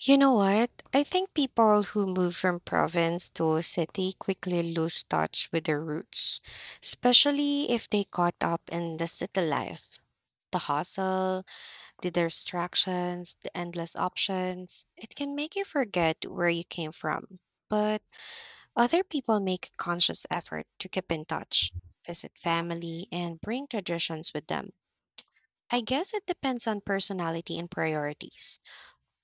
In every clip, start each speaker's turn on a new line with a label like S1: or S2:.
S1: You know what? I think people who move from province to city quickly lose touch with their roots, especially if they caught up in the city life. The hustle, the distractions, the endless options. It can make you forget where you came from. But other people make a conscious effort to keep in touch, visit family, and bring traditions with them. I guess it depends on personality and priorities.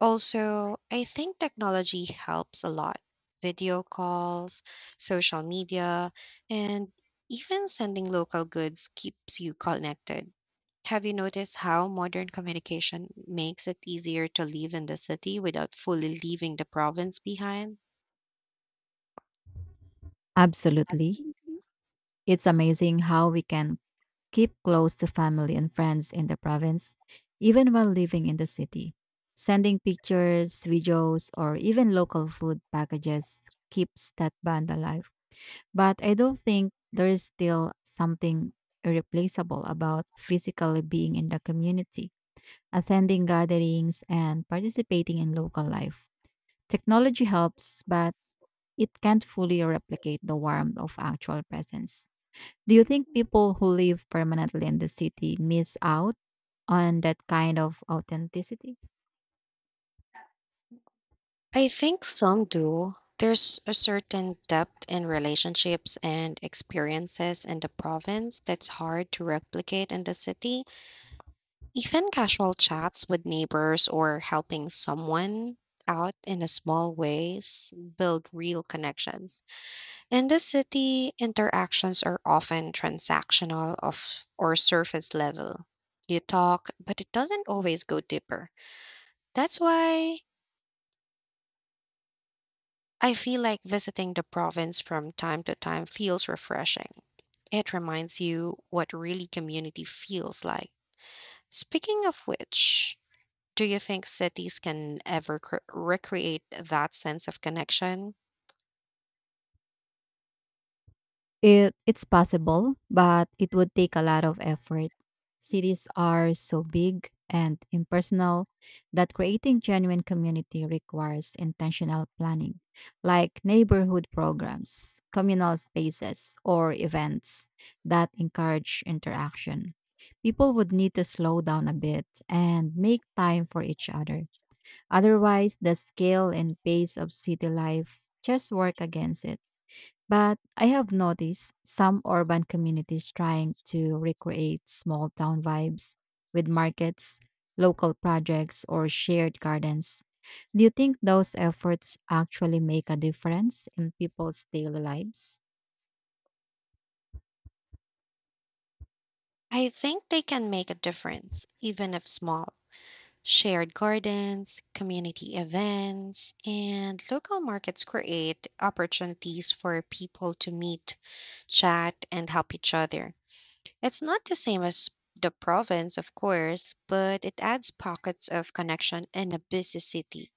S1: Also, I think technology helps a lot. Video calls, social media, and even sending local goods keeps you connected. Have you noticed how modern communication makes it easier to live in the city without fully leaving the province behind?
S2: Absolutely.
S1: Absolutely.
S2: It's amazing how we can keep close to family and friends in the province, even while living in the city. Sending pictures, videos, or even local food packages keeps that bond alive. But I don't think there is still something irreplaceable about physically being in the community, attending gatherings, and participating in local life. Technology helps, but it can't fully replicate the warmth of actual presence. Do you think people who live permanently in the city miss out on that kind of authenticity?
S1: I think some do. There's a certain depth in relationships and experiences in the province that's hard to replicate in the city. Even casual chats with neighbors or helping someone out in a small ways build real connections. In the city, interactions are often transactional of or surface level. You talk, but it doesn't always go deeper. That's why I feel like visiting the province from time to time feels refreshing. It reminds you what really community feels like. Speaking of which, do you think cities can ever recreate that sense of connection?
S2: It's possible, but it would take a lot of effort. Cities are so big and impersonal that creating genuine community requires intentional planning, like neighborhood programs, communal spaces, or events that encourage interaction. People would need to slow down a bit and make time for each other. Otherwise, the scale and pace of city life just work against it. But I have noticed some urban communities trying to recreate small town vibes with markets, local projects, or shared gardens. Do you think those efforts actually make a difference in people's daily lives?
S1: I think they can make a difference, even if small. Shared gardens, community events, and local markets create opportunities for people to meet, chat, and help each other. It's not the same as the province, of course, but it adds pockets of connection in a busy city.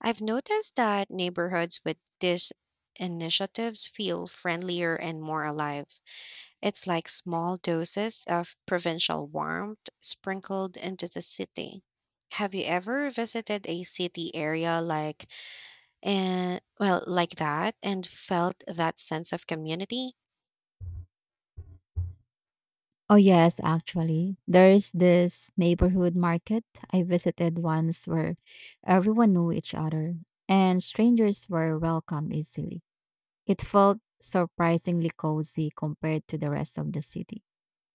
S1: I've noticed that neighborhoods with these initiatives feel friendlier and more alive. It's like small doses of provincial warmth sprinkled into the city. Have you ever visited a city area like that and felt that sense of community?
S2: Oh yes, actually. There's this neighborhood market I visited once where everyone knew each other and strangers were welcome easily. It felt surprisingly cozy compared to the rest of the city.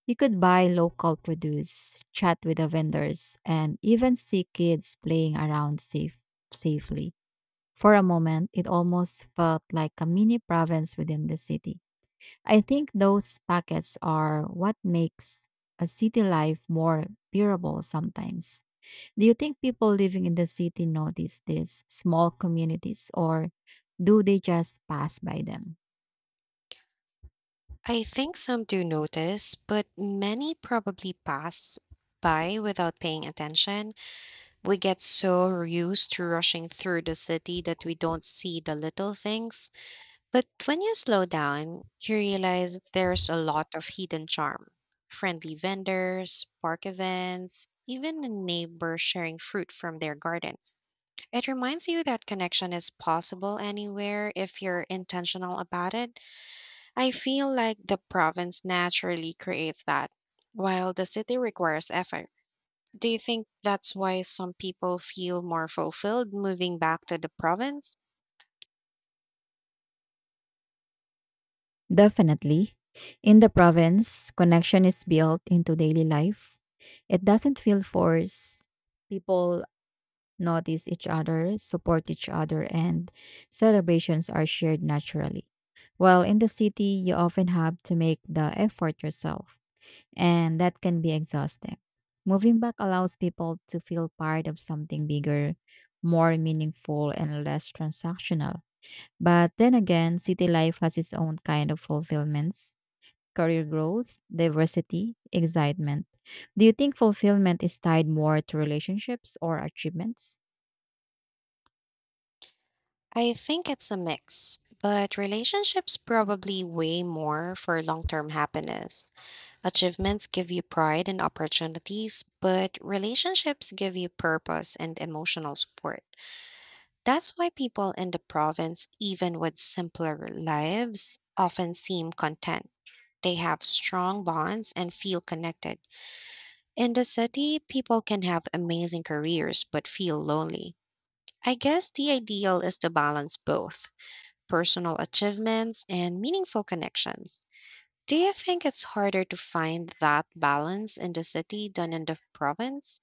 S2: You could buy local produce, chat with the vendors, and even see kids playing around safely. For a moment, it almost felt like a mini province within the city. I think those pockets are what makes a city life more bearable sometimes. Do you think people living in the city notice these small communities or do they just pass by them?
S1: I think some do notice, but many probably pass by without paying attention. We get so used to rushing through the city that we don't see the little things. But when you slow down, you realize there's a lot of hidden charm. Friendly vendors, park events, even a neighbor sharing fruit from their garden. It reminds you that connection is possible anywhere if you're intentional about it. I feel like the province naturally creates that, while the city requires effort. Do you think that's why some people feel more fulfilled moving back to the province?
S2: Definitely. In the province, connection is built into daily life. It doesn't feel forced. People notice each other, support each other, and celebrations are shared naturally. While in the city, you often have to make the effort yourself, and that can be exhausting. Moving back allows people to feel part of something bigger, more meaningful, and less transactional. But then again, city life has its own kind of fulfillments: career growth, diversity, excitement. Do you think fulfillment is tied more to relationships or achievements?
S1: I think it's a mix, but relationships probably weigh more for long term happiness. Achievements give you pride and opportunities, but relationships give you purpose and emotional support. That's why people in the province, even with simpler lives, often seem content. They have strong bonds and feel connected. In the city, people can have amazing careers but feel lonely. I guess the ideal is to balance both personal achievements and meaningful connections. Do you think it's harder to find that balance in the city than in the province?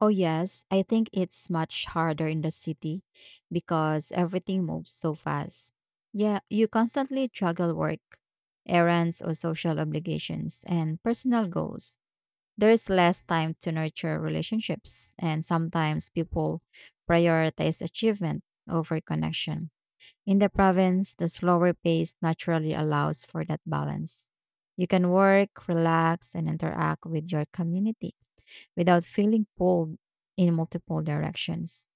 S2: Oh, yes. I think it's much harder in the city because everything moves so fast. Yeah, you constantly juggle work, errands, or social obligations and personal goals. There is less time to nurture relationships, and sometimes people prioritize achievement over connection. In the province, the slower pace naturally allows for that balance. You can work, relax, and interact with your community without feeling pulled in multiple directions.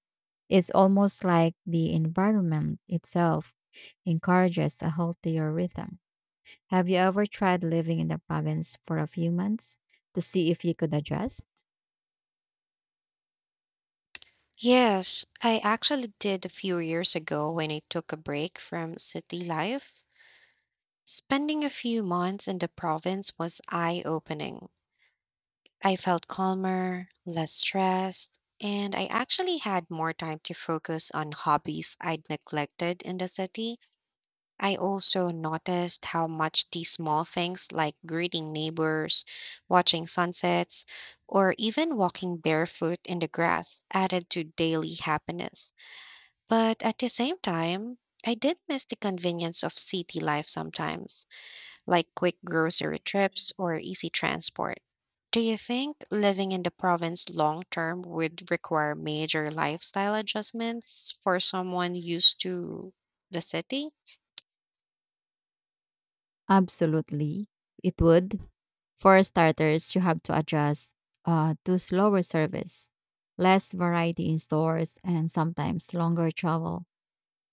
S2: It's almost like the environment itself encourages a healthier rhythm. Have you ever tried living in the province for a few months to see if you could adjust?
S1: Yes, I actually did a few years ago when I took a break from city life. Spending a few months in the province was eye opening. I felt calmer, less stressed, and I actually had more time to focus on hobbies I'd neglected in the city. I also noticed how much these small things like greeting neighbors, watching sunsets, or even walking barefoot in the grass added to daily happiness. But at the same time, I did miss the convenience of city life sometimes like quick grocery trips or easy transport. Do you think living in the province long term would require major lifestyle adjustments for someone used to the city?
S2: Absolutely, it would. For starters, you have to adjust to slower service, less variety in stores, and sometimes longer travel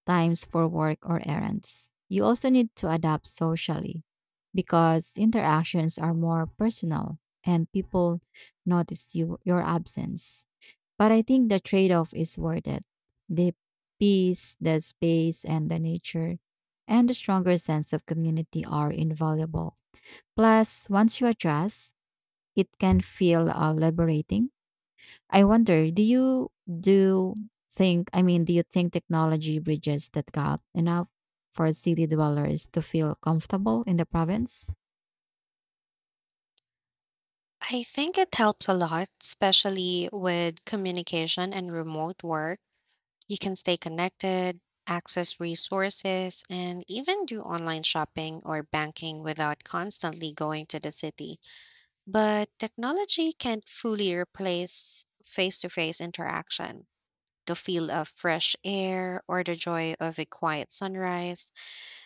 S2: times for work or errands. You also need to adapt socially because interactions are more personal and people notice your absence. But I think the trade-off is worth it. The peace, the space and the nature and the stronger sense of community are invaluable. Plus, once you adjust, it can feel liberating. I wonder, do you think technology bridges that gap enough for city dwellers to feel comfortable in the province?
S1: I think it helps a lot, especially with communication and remote work. You can stay connected, access resources, and even do online shopping or banking without constantly going to the city. But technology can't fully replace face to face interaction. The feel of fresh air or the joy of a quiet sunrise.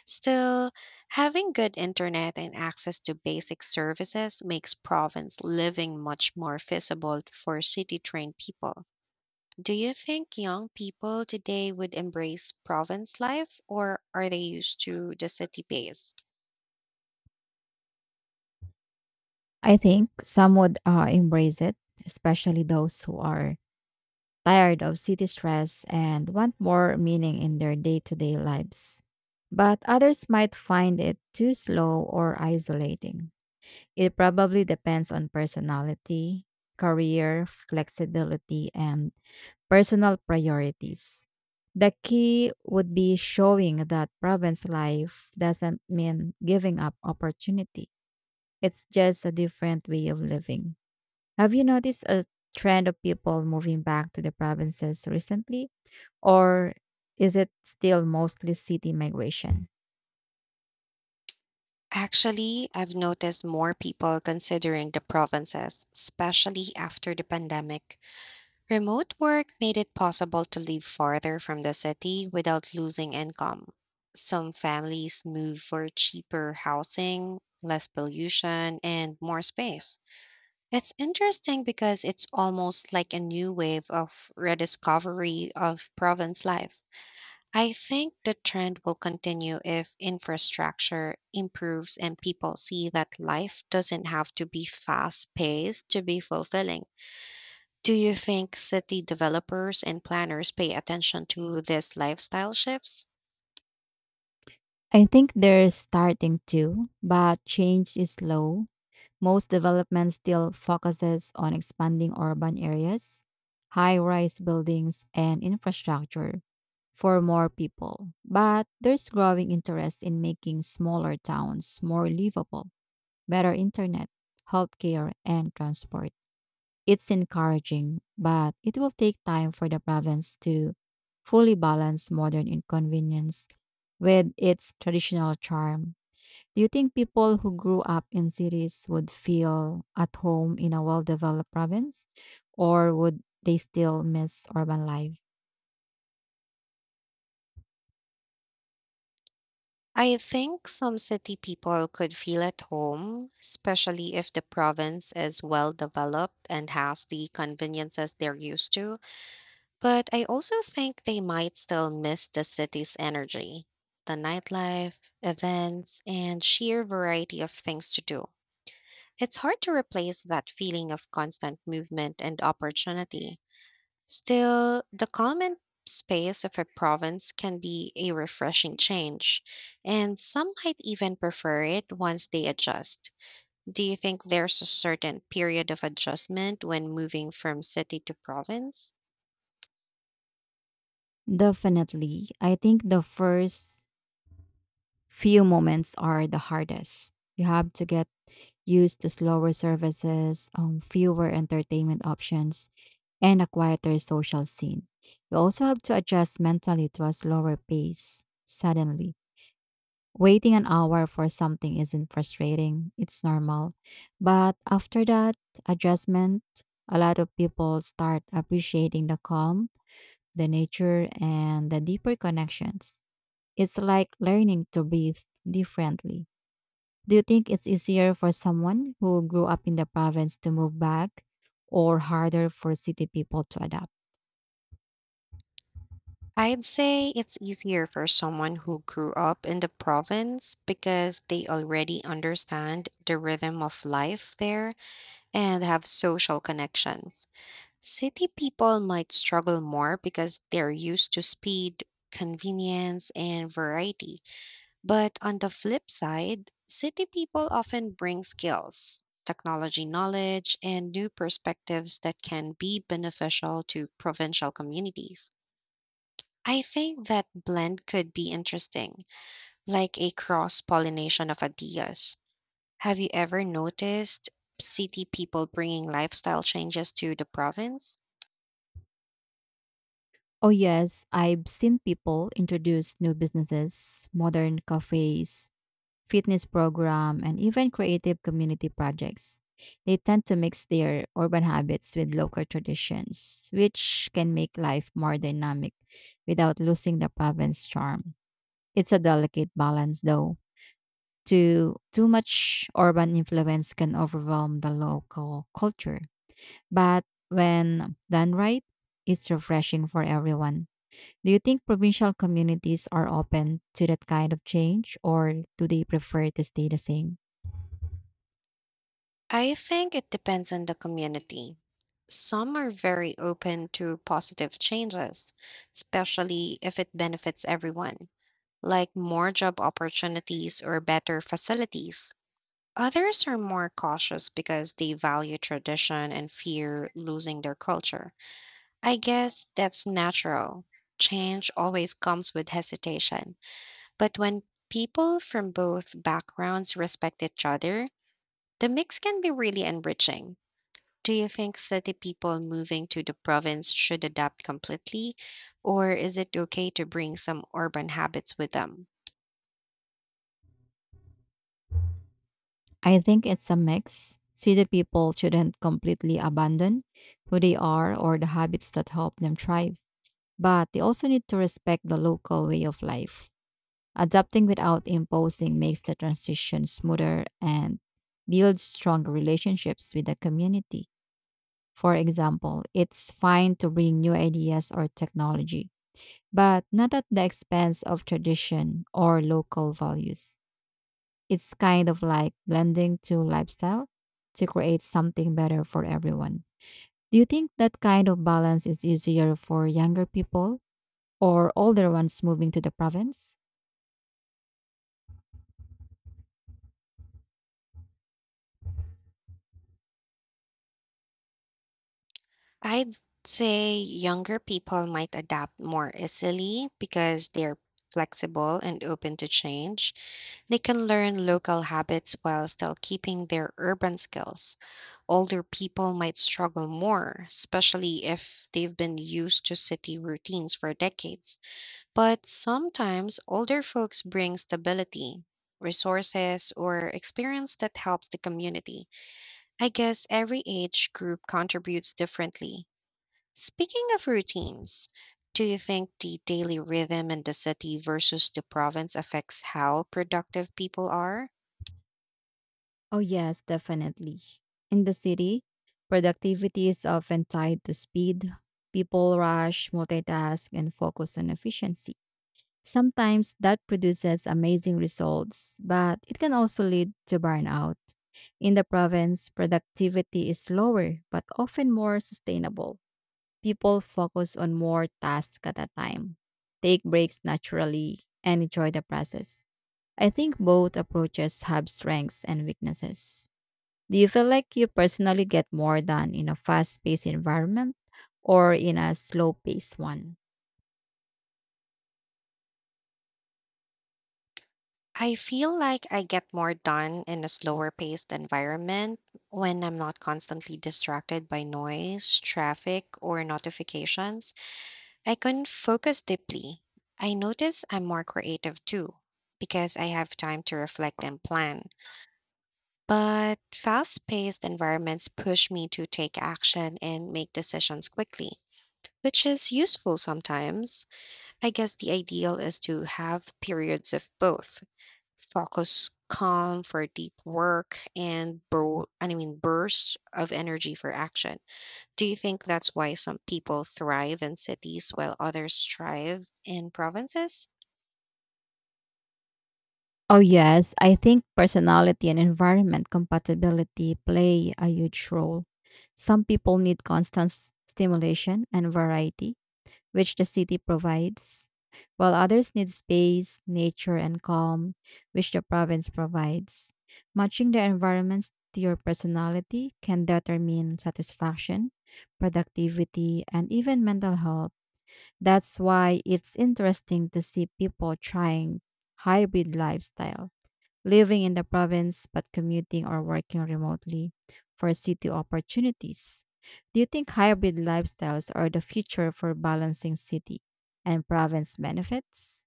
S1: Still, having good internet and access to basic services makes province living much more feasible for city trained people. Do you think young people today would embrace province life or are they used to the city pace?
S2: I think some would embrace it, especially those who are tired of city stress and want more meaning in their day-to-day lives. But others might find it too slow or isolating. It probably depends on personality, career, flexibility, and personal priorities. The key would be showing that province life doesn't mean giving up opportunity. It's just a different way of living. Have you noticed a trend of people moving back to the provinces recently? Or is it still mostly city migration?
S1: Actually, I've noticed more people considering the provinces, especially after the pandemic. Remote work made it possible to live farther from the city without losing income. Some families move for cheaper housing, less pollution, and more space. It's interesting because it's almost like a new wave of rediscovery of province life. I think the trend will continue if infrastructure improves and people see that life doesn't have to be fast paced to be fulfilling. Do you think city developers and planners pay attention to these lifestyle shifts?
S2: I think they're starting to, but change is slow. Most development still focuses on expanding urban areas, high rise buildings, and infrastructure for more people. But there's growing interest in making smaller towns more livable, better internet, healthcare, and transport. It's encouraging, but it will take time for the province to fully balance modern inconvenience with its traditional charm. Do you think people who grew up in cities would feel at home in a well developed province, or would they still miss urban life?
S1: I think some city people could feel at home, especially if the province is well developed and has the conveniences they're used to. But I also think they might still miss the city's energy, the nightlife, events, and sheer variety of things to do. It's hard to replace that feeling of constant movement and opportunity. Still, the calm and space of a province can be a refreshing change, and some might even prefer it once they adjust. Do you think there's a certain period of adjustment when moving from city to province?
S2: Definitely. I think the first few moments are the hardest. You have to get used to slower services, fewer entertainment options, and a quieter social scene. You also have to adjust mentally to a slower pace suddenly. Waiting an hour for something isn't frustrating, it's normal. But after that adjustment, a lot of people start appreciating the calm, the nature, and the deeper connections. It's like learning to breathe differently. Do you think it's easier for someone who grew up in the province to move back or harder for city people to adapt?
S1: I'd say it's easier for someone who grew up in the province because they already understand the rhythm of life there and have social connections. City people might struggle more because they're used to speed, convenience, and variety. But on the flip side, city people often bring skills, technology knowledge, and new perspectives that can be beneficial to provincial communities. I think that blend could be interesting, like a cross pollination of ideas. Have you ever noticed city people bringing lifestyle changes to the province?
S2: Oh, yes, I've seen people introduce new businesses, modern cafes, fitness program, and even creative community projects. They tend to mix their urban habits with local traditions, which can make life more dynamic without losing the province charm. It's a delicate balance, though. Too much urban influence can overwhelm the local culture. But when done right, it's refreshing for everyone. Do you think provincial communities are open to that kind of change or do they prefer to stay the same?
S1: I think it depends on the community. Some are very open to positive changes, especially if it benefits everyone, like more job opportunities or better facilities. Others are more cautious because they value tradition and fear losing their culture. I guess that's natural. Change always comes with hesitation. But when people from both backgrounds respect each other, the mix can be really enriching. Do you think city people moving to the province should adapt completely, or is it okay to bring some urban habits with them?
S2: I think it's a mix. City people shouldn't completely abandon who they are or the habits that help them thrive, but they also need to respect the local way of life. Adapting without imposing makes the transition smoother and builds stronger relationships with the community. For example, it's fine to bring new ideas or technology, but not at the expense of tradition or local values. It's kind of like blending two lifestyle to create something better for everyone. Do you think that kind of balance is easier for younger people or older ones moving to the province?
S1: I'd say younger people might adapt more easily because they're flexible and open to change. They can learn local habits while still keeping their urban skills. Older people might struggle more, especially if they've been used to city routines for decades. But sometimes older folks bring stability, resources, or experience that helps the community. I guess every age group contributes differently. Speaking of routines, do you think the daily rhythm in the city versus the province affects how productive people are?
S2: Oh, yes, definitely. In the city, productivity is often tied to speed. People rush, multitask, and focus on efficiency. Sometimes that produces amazing results, but it can also lead to burnout. In the province, productivity is lower but often more sustainable. People focus on more tasks at a time, take breaks naturally, and enjoy the process. I think both approaches have strengths and weaknesses. Do you feel like you personally get more done in a fast paced environment or in a slow paced one?
S1: I feel like I get more done in a slower paced environment when I'm not constantly distracted by noise, traffic, or notifications. I can focus deeply. I notice I'm more creative too because I have time to reflect and plan. But fast paced environments push me to take action and make decisions quickly, which is useful sometimes. I guess the ideal is to have periods of both focus calm for deep work and bursts of energy for action. Do you think that's why some people thrive in cities while others thrive in provinces?
S2: Oh, yes. I think personality and environment compatibility play a huge role. Some people need constant stimulation and variety, which the city provides, while others need space, nature, and calm, which the province provides. Matching the environments to your personality can determine satisfaction, productivity, and even mental health. That's why it's interesting to see people trying hybrid lifestyle, living in the province but commuting or working remotely for city opportunities. Do you think hybrid lifestyles are the future for balancing city and province benefits?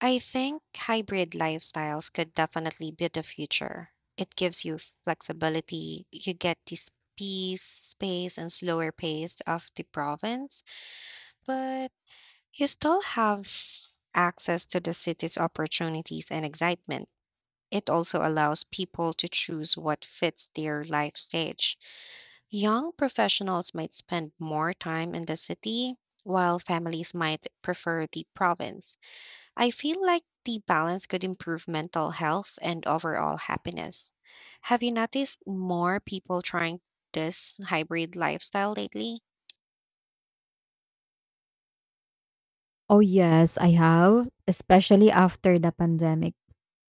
S1: I think hybrid lifestyles could definitely be the future. It gives you flexibility. You get this peace, space, and slower pace of the province, but you still have access to the city's opportunities and excitement. It also allows people to choose what fits their life stage. Young professionals might spend more time in the city, while families might prefer the province. I feel like the balance could improve mental health and overall happiness. Have you noticed more people trying this hybrid lifestyle lately?
S2: Oh, yes, I have, especially after the pandemic.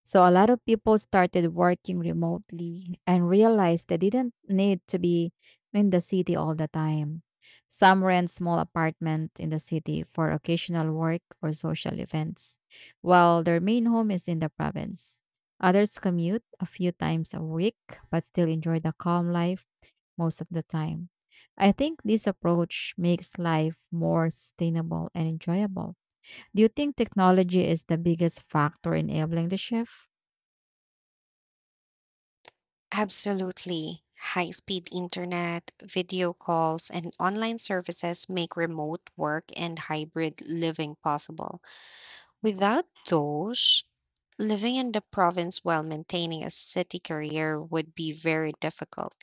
S2: So a lot of people started working remotely and realized they didn't need to be in the city all the time. Some rent small apartment in the city for occasional work or social events, while their main home is in the province. Others commute a few times a week but still enjoy the calm life most of the time. I think this approach makes life more sustainable and enjoyable. Do you think technology is the biggest factor enabling the shift?
S1: Absolutely. High speed internet, video calls, and online services make remote work and hybrid living possible. Without those, living in the province while maintaining a city career would be very difficult.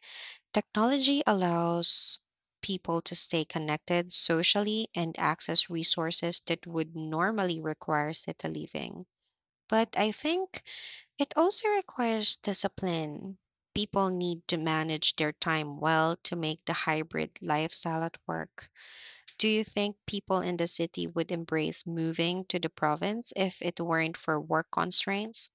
S1: Technology allows people to stay connected socially and access resources that would normally require city living. But I think it also requires discipline. People need to manage their time well to make the hybrid lifestyle at work. Do you think people in the city would embrace moving to the province if it weren't for work constraints?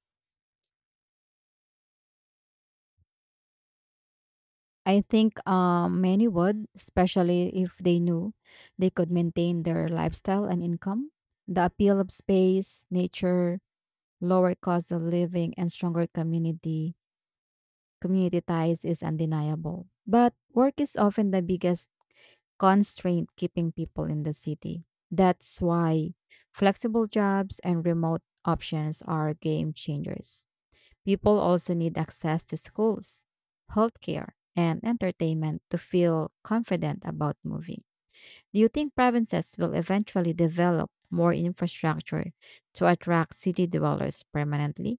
S2: I think many would, especially if they knew they could maintain their lifestyle and income. The appeal of space, nature, lower cost of living, and stronger community ties is undeniable. But work is often the biggest constraint keeping people in the city. That's why flexible jobs and remote options are game changers. People also need access to schools, healthcare, and entertainment to feel confident about moving. Do you think provinces will eventually develop more infrastructure to attract city dwellers permanently?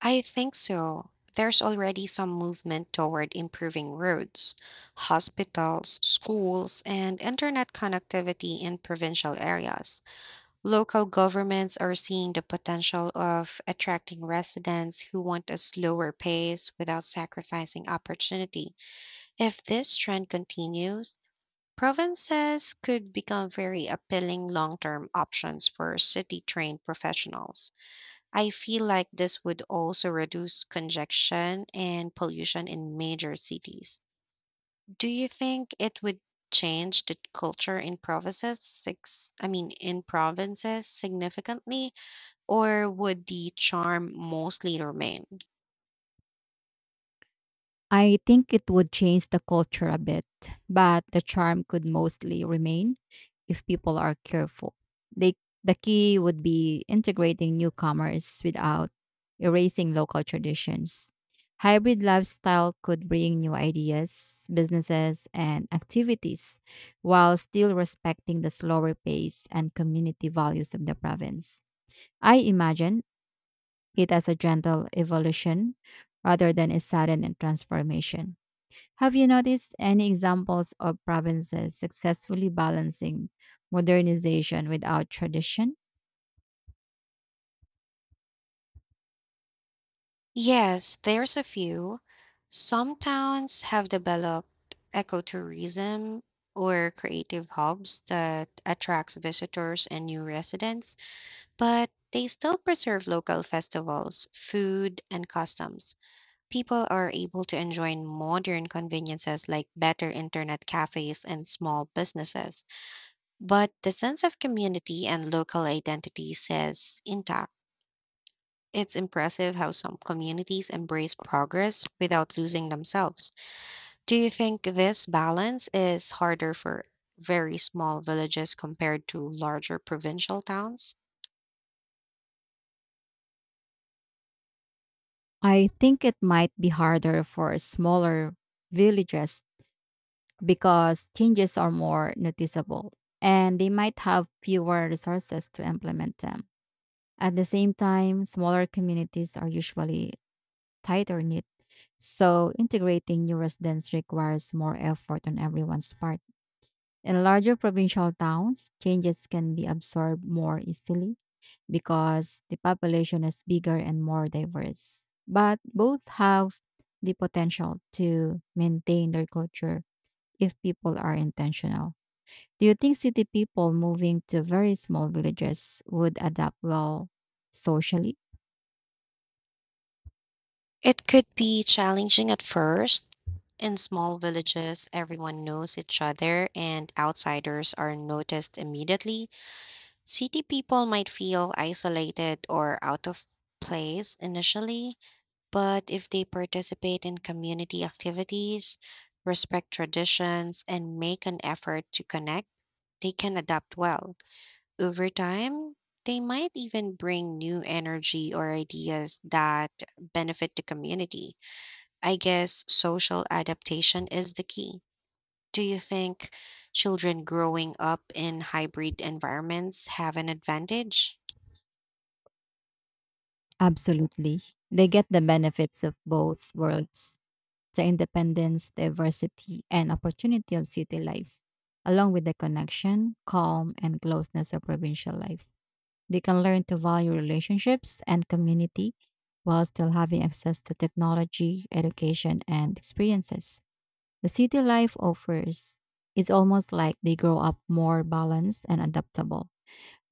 S1: I think so. There's already some movement toward improving roads, hospitals, schools, and internet connectivity in provincial areas. Local governments are seeing the potential of attracting residents who want a slower pace without sacrificing opportunity. If this trend continues, provinces could become very appealing long term options for city trained professionals. I feel like this would also reduce congestion and pollution in major cities. Do you think it would change the culture in provinces six I mean in provinces significantly or would the charm mostly remain?
S2: I think it would change the culture a bit, but the charm could mostly remain if people are careful. They, the key would be integrating newcomers without erasing local traditions. Hybrid lifestyle could bring new ideas, businesses, and activities while still respecting the slower pace and community values of the province. I imagine it as a gentle evolution rather than a sudden transformation. Have you noticed any examples of provinces successfully balancing modernization without tradition?
S1: Yes, there's a few. Some towns have developed ecotourism or creative hubs that attracts visitors and new residents. But they still preserve local festivals, food, and customs. People are able to enjoy modern conveniences like better internet cafes and small businesses, but the sense of community and local identity is intact. It's impressive how some communities embrace progress without losing themselves. Do you think this balance is harder for very small villages compared to larger provincial towns?
S2: I think it might be harder for smaller villages because changes are more noticeable and they might have fewer resources to implement them. At the same time, smaller communities are usually tighter knit, so integrating new residents requires more effort on everyone's part. In larger provincial towns, changes can be absorbed more easily because the population is bigger and more diverse. But both have the potential to maintain their culture if people are intentional. Do you think city people moving to very small villages would adapt well socially?
S1: It could be challenging at first. In small villages, everyone knows each other and outsiders are noticed immediately. City people might feel isolated or out of place initially, but if they participate in community activities, respect traditions, and make an effort to connect, they can adapt well. Over time, they might even bring new energy or ideas that benefit the community. I guess social adaptation is the key. Do you think children growing up in hybrid environments have an advantage?
S2: Absolutely. They get the benefits of both worlds: the independence, diversity, and opportunity of city life, along with the connection, calm, and closeness of provincial life. They can learn to value relationships and community while still having access to technology, education, and experiences. The city life offers is almost like they grow up more balanced and adaptable.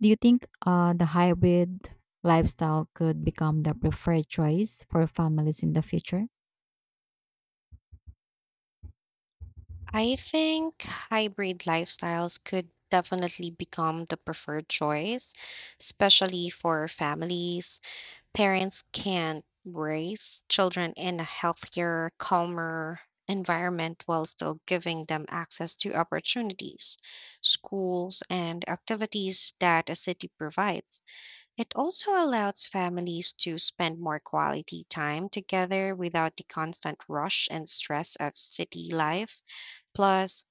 S2: Do you think the hybrid lifestyle could become the preferred choice for families in the future?
S1: I think hybrid lifestyles could definitely become the preferred choice, especially for families. Parents can raise children in a healthier, calmer environment while still giving them access to opportunities, schools, and activities that a city provides. It also allows families to spend more quality time together without the constant rush and stress of city life. Plus,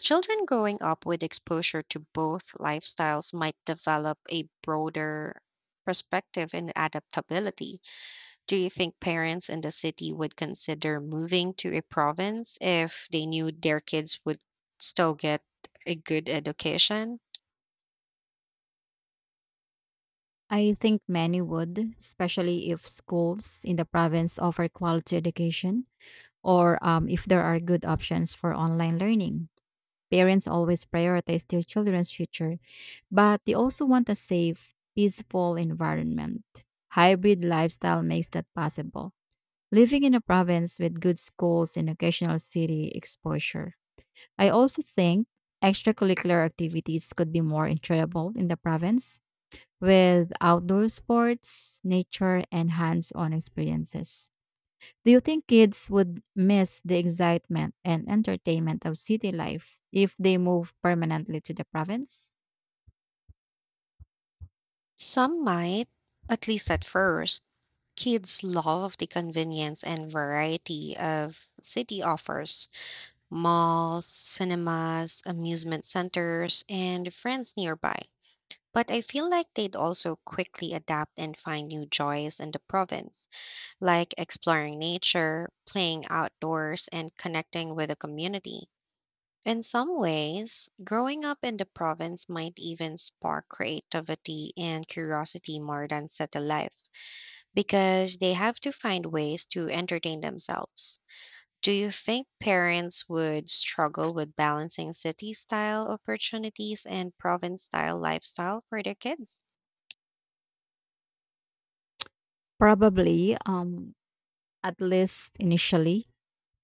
S1: children growing up with exposure to both lifestyles might develop a broader perspective and adaptability. Do you think parents in the city would consider moving to a province if they knew their kids would still get a good education?
S2: I think many would, especially if schools in the province offer quality education or if there are good options for online learning. Parents always prioritize their children's future, but they also want a safe, peaceful environment. Hybrid lifestyle makes that possible. Living in a province with good schools and occasional city exposure. I also think extracurricular activities could be more enjoyable in the province with outdoor sports, nature, and hands on experiences. Do you think kids would miss the excitement and entertainment of city life if they move permanently to the province?
S1: Some might, at least at first. Kids love the convenience and variety of city offers malls, cinemas, amusement centers, and friends nearby. But I feel like they'd also quickly adapt and find new joys in the province, like exploring nature, playing outdoors, and connecting with the community. In some ways, growing up in the province might even spark creativity and curiosity more than settled life because they have to find ways to entertain themselves. Do you think parents would struggle with balancing city style opportunities and province style lifestyle for their kids?
S2: Probably, at least initially.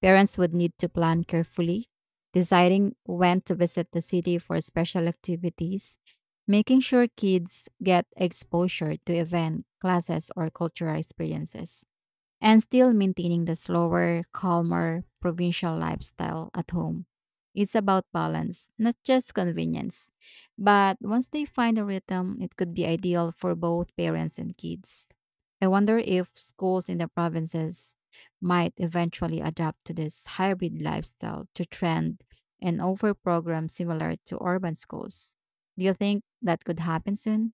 S2: Parents would need to plan carefully, deciding when to visit the city for special activities, making sure kids get exposure to event, classes, or cultural experiences, and still maintaining the slower, calmer provincial lifestyle at home. It's about balance, not just convenience. But once they find a rhythm, it could be ideal for both parents and kids. I wonder if schools in the provinces might eventually adapt to this hybrid lifestyle to trend and offer programs similar to urban schools. Do you think that could happen soon?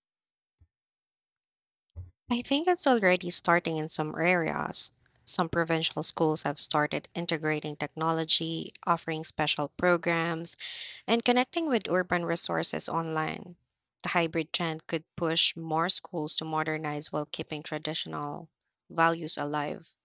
S1: I think it's already starting in some areas. Some provincial schools have started integrating technology, offering special programs, and connecting with urban resources online. The hybrid trend could push more schools to modernize while keeping traditional values alive.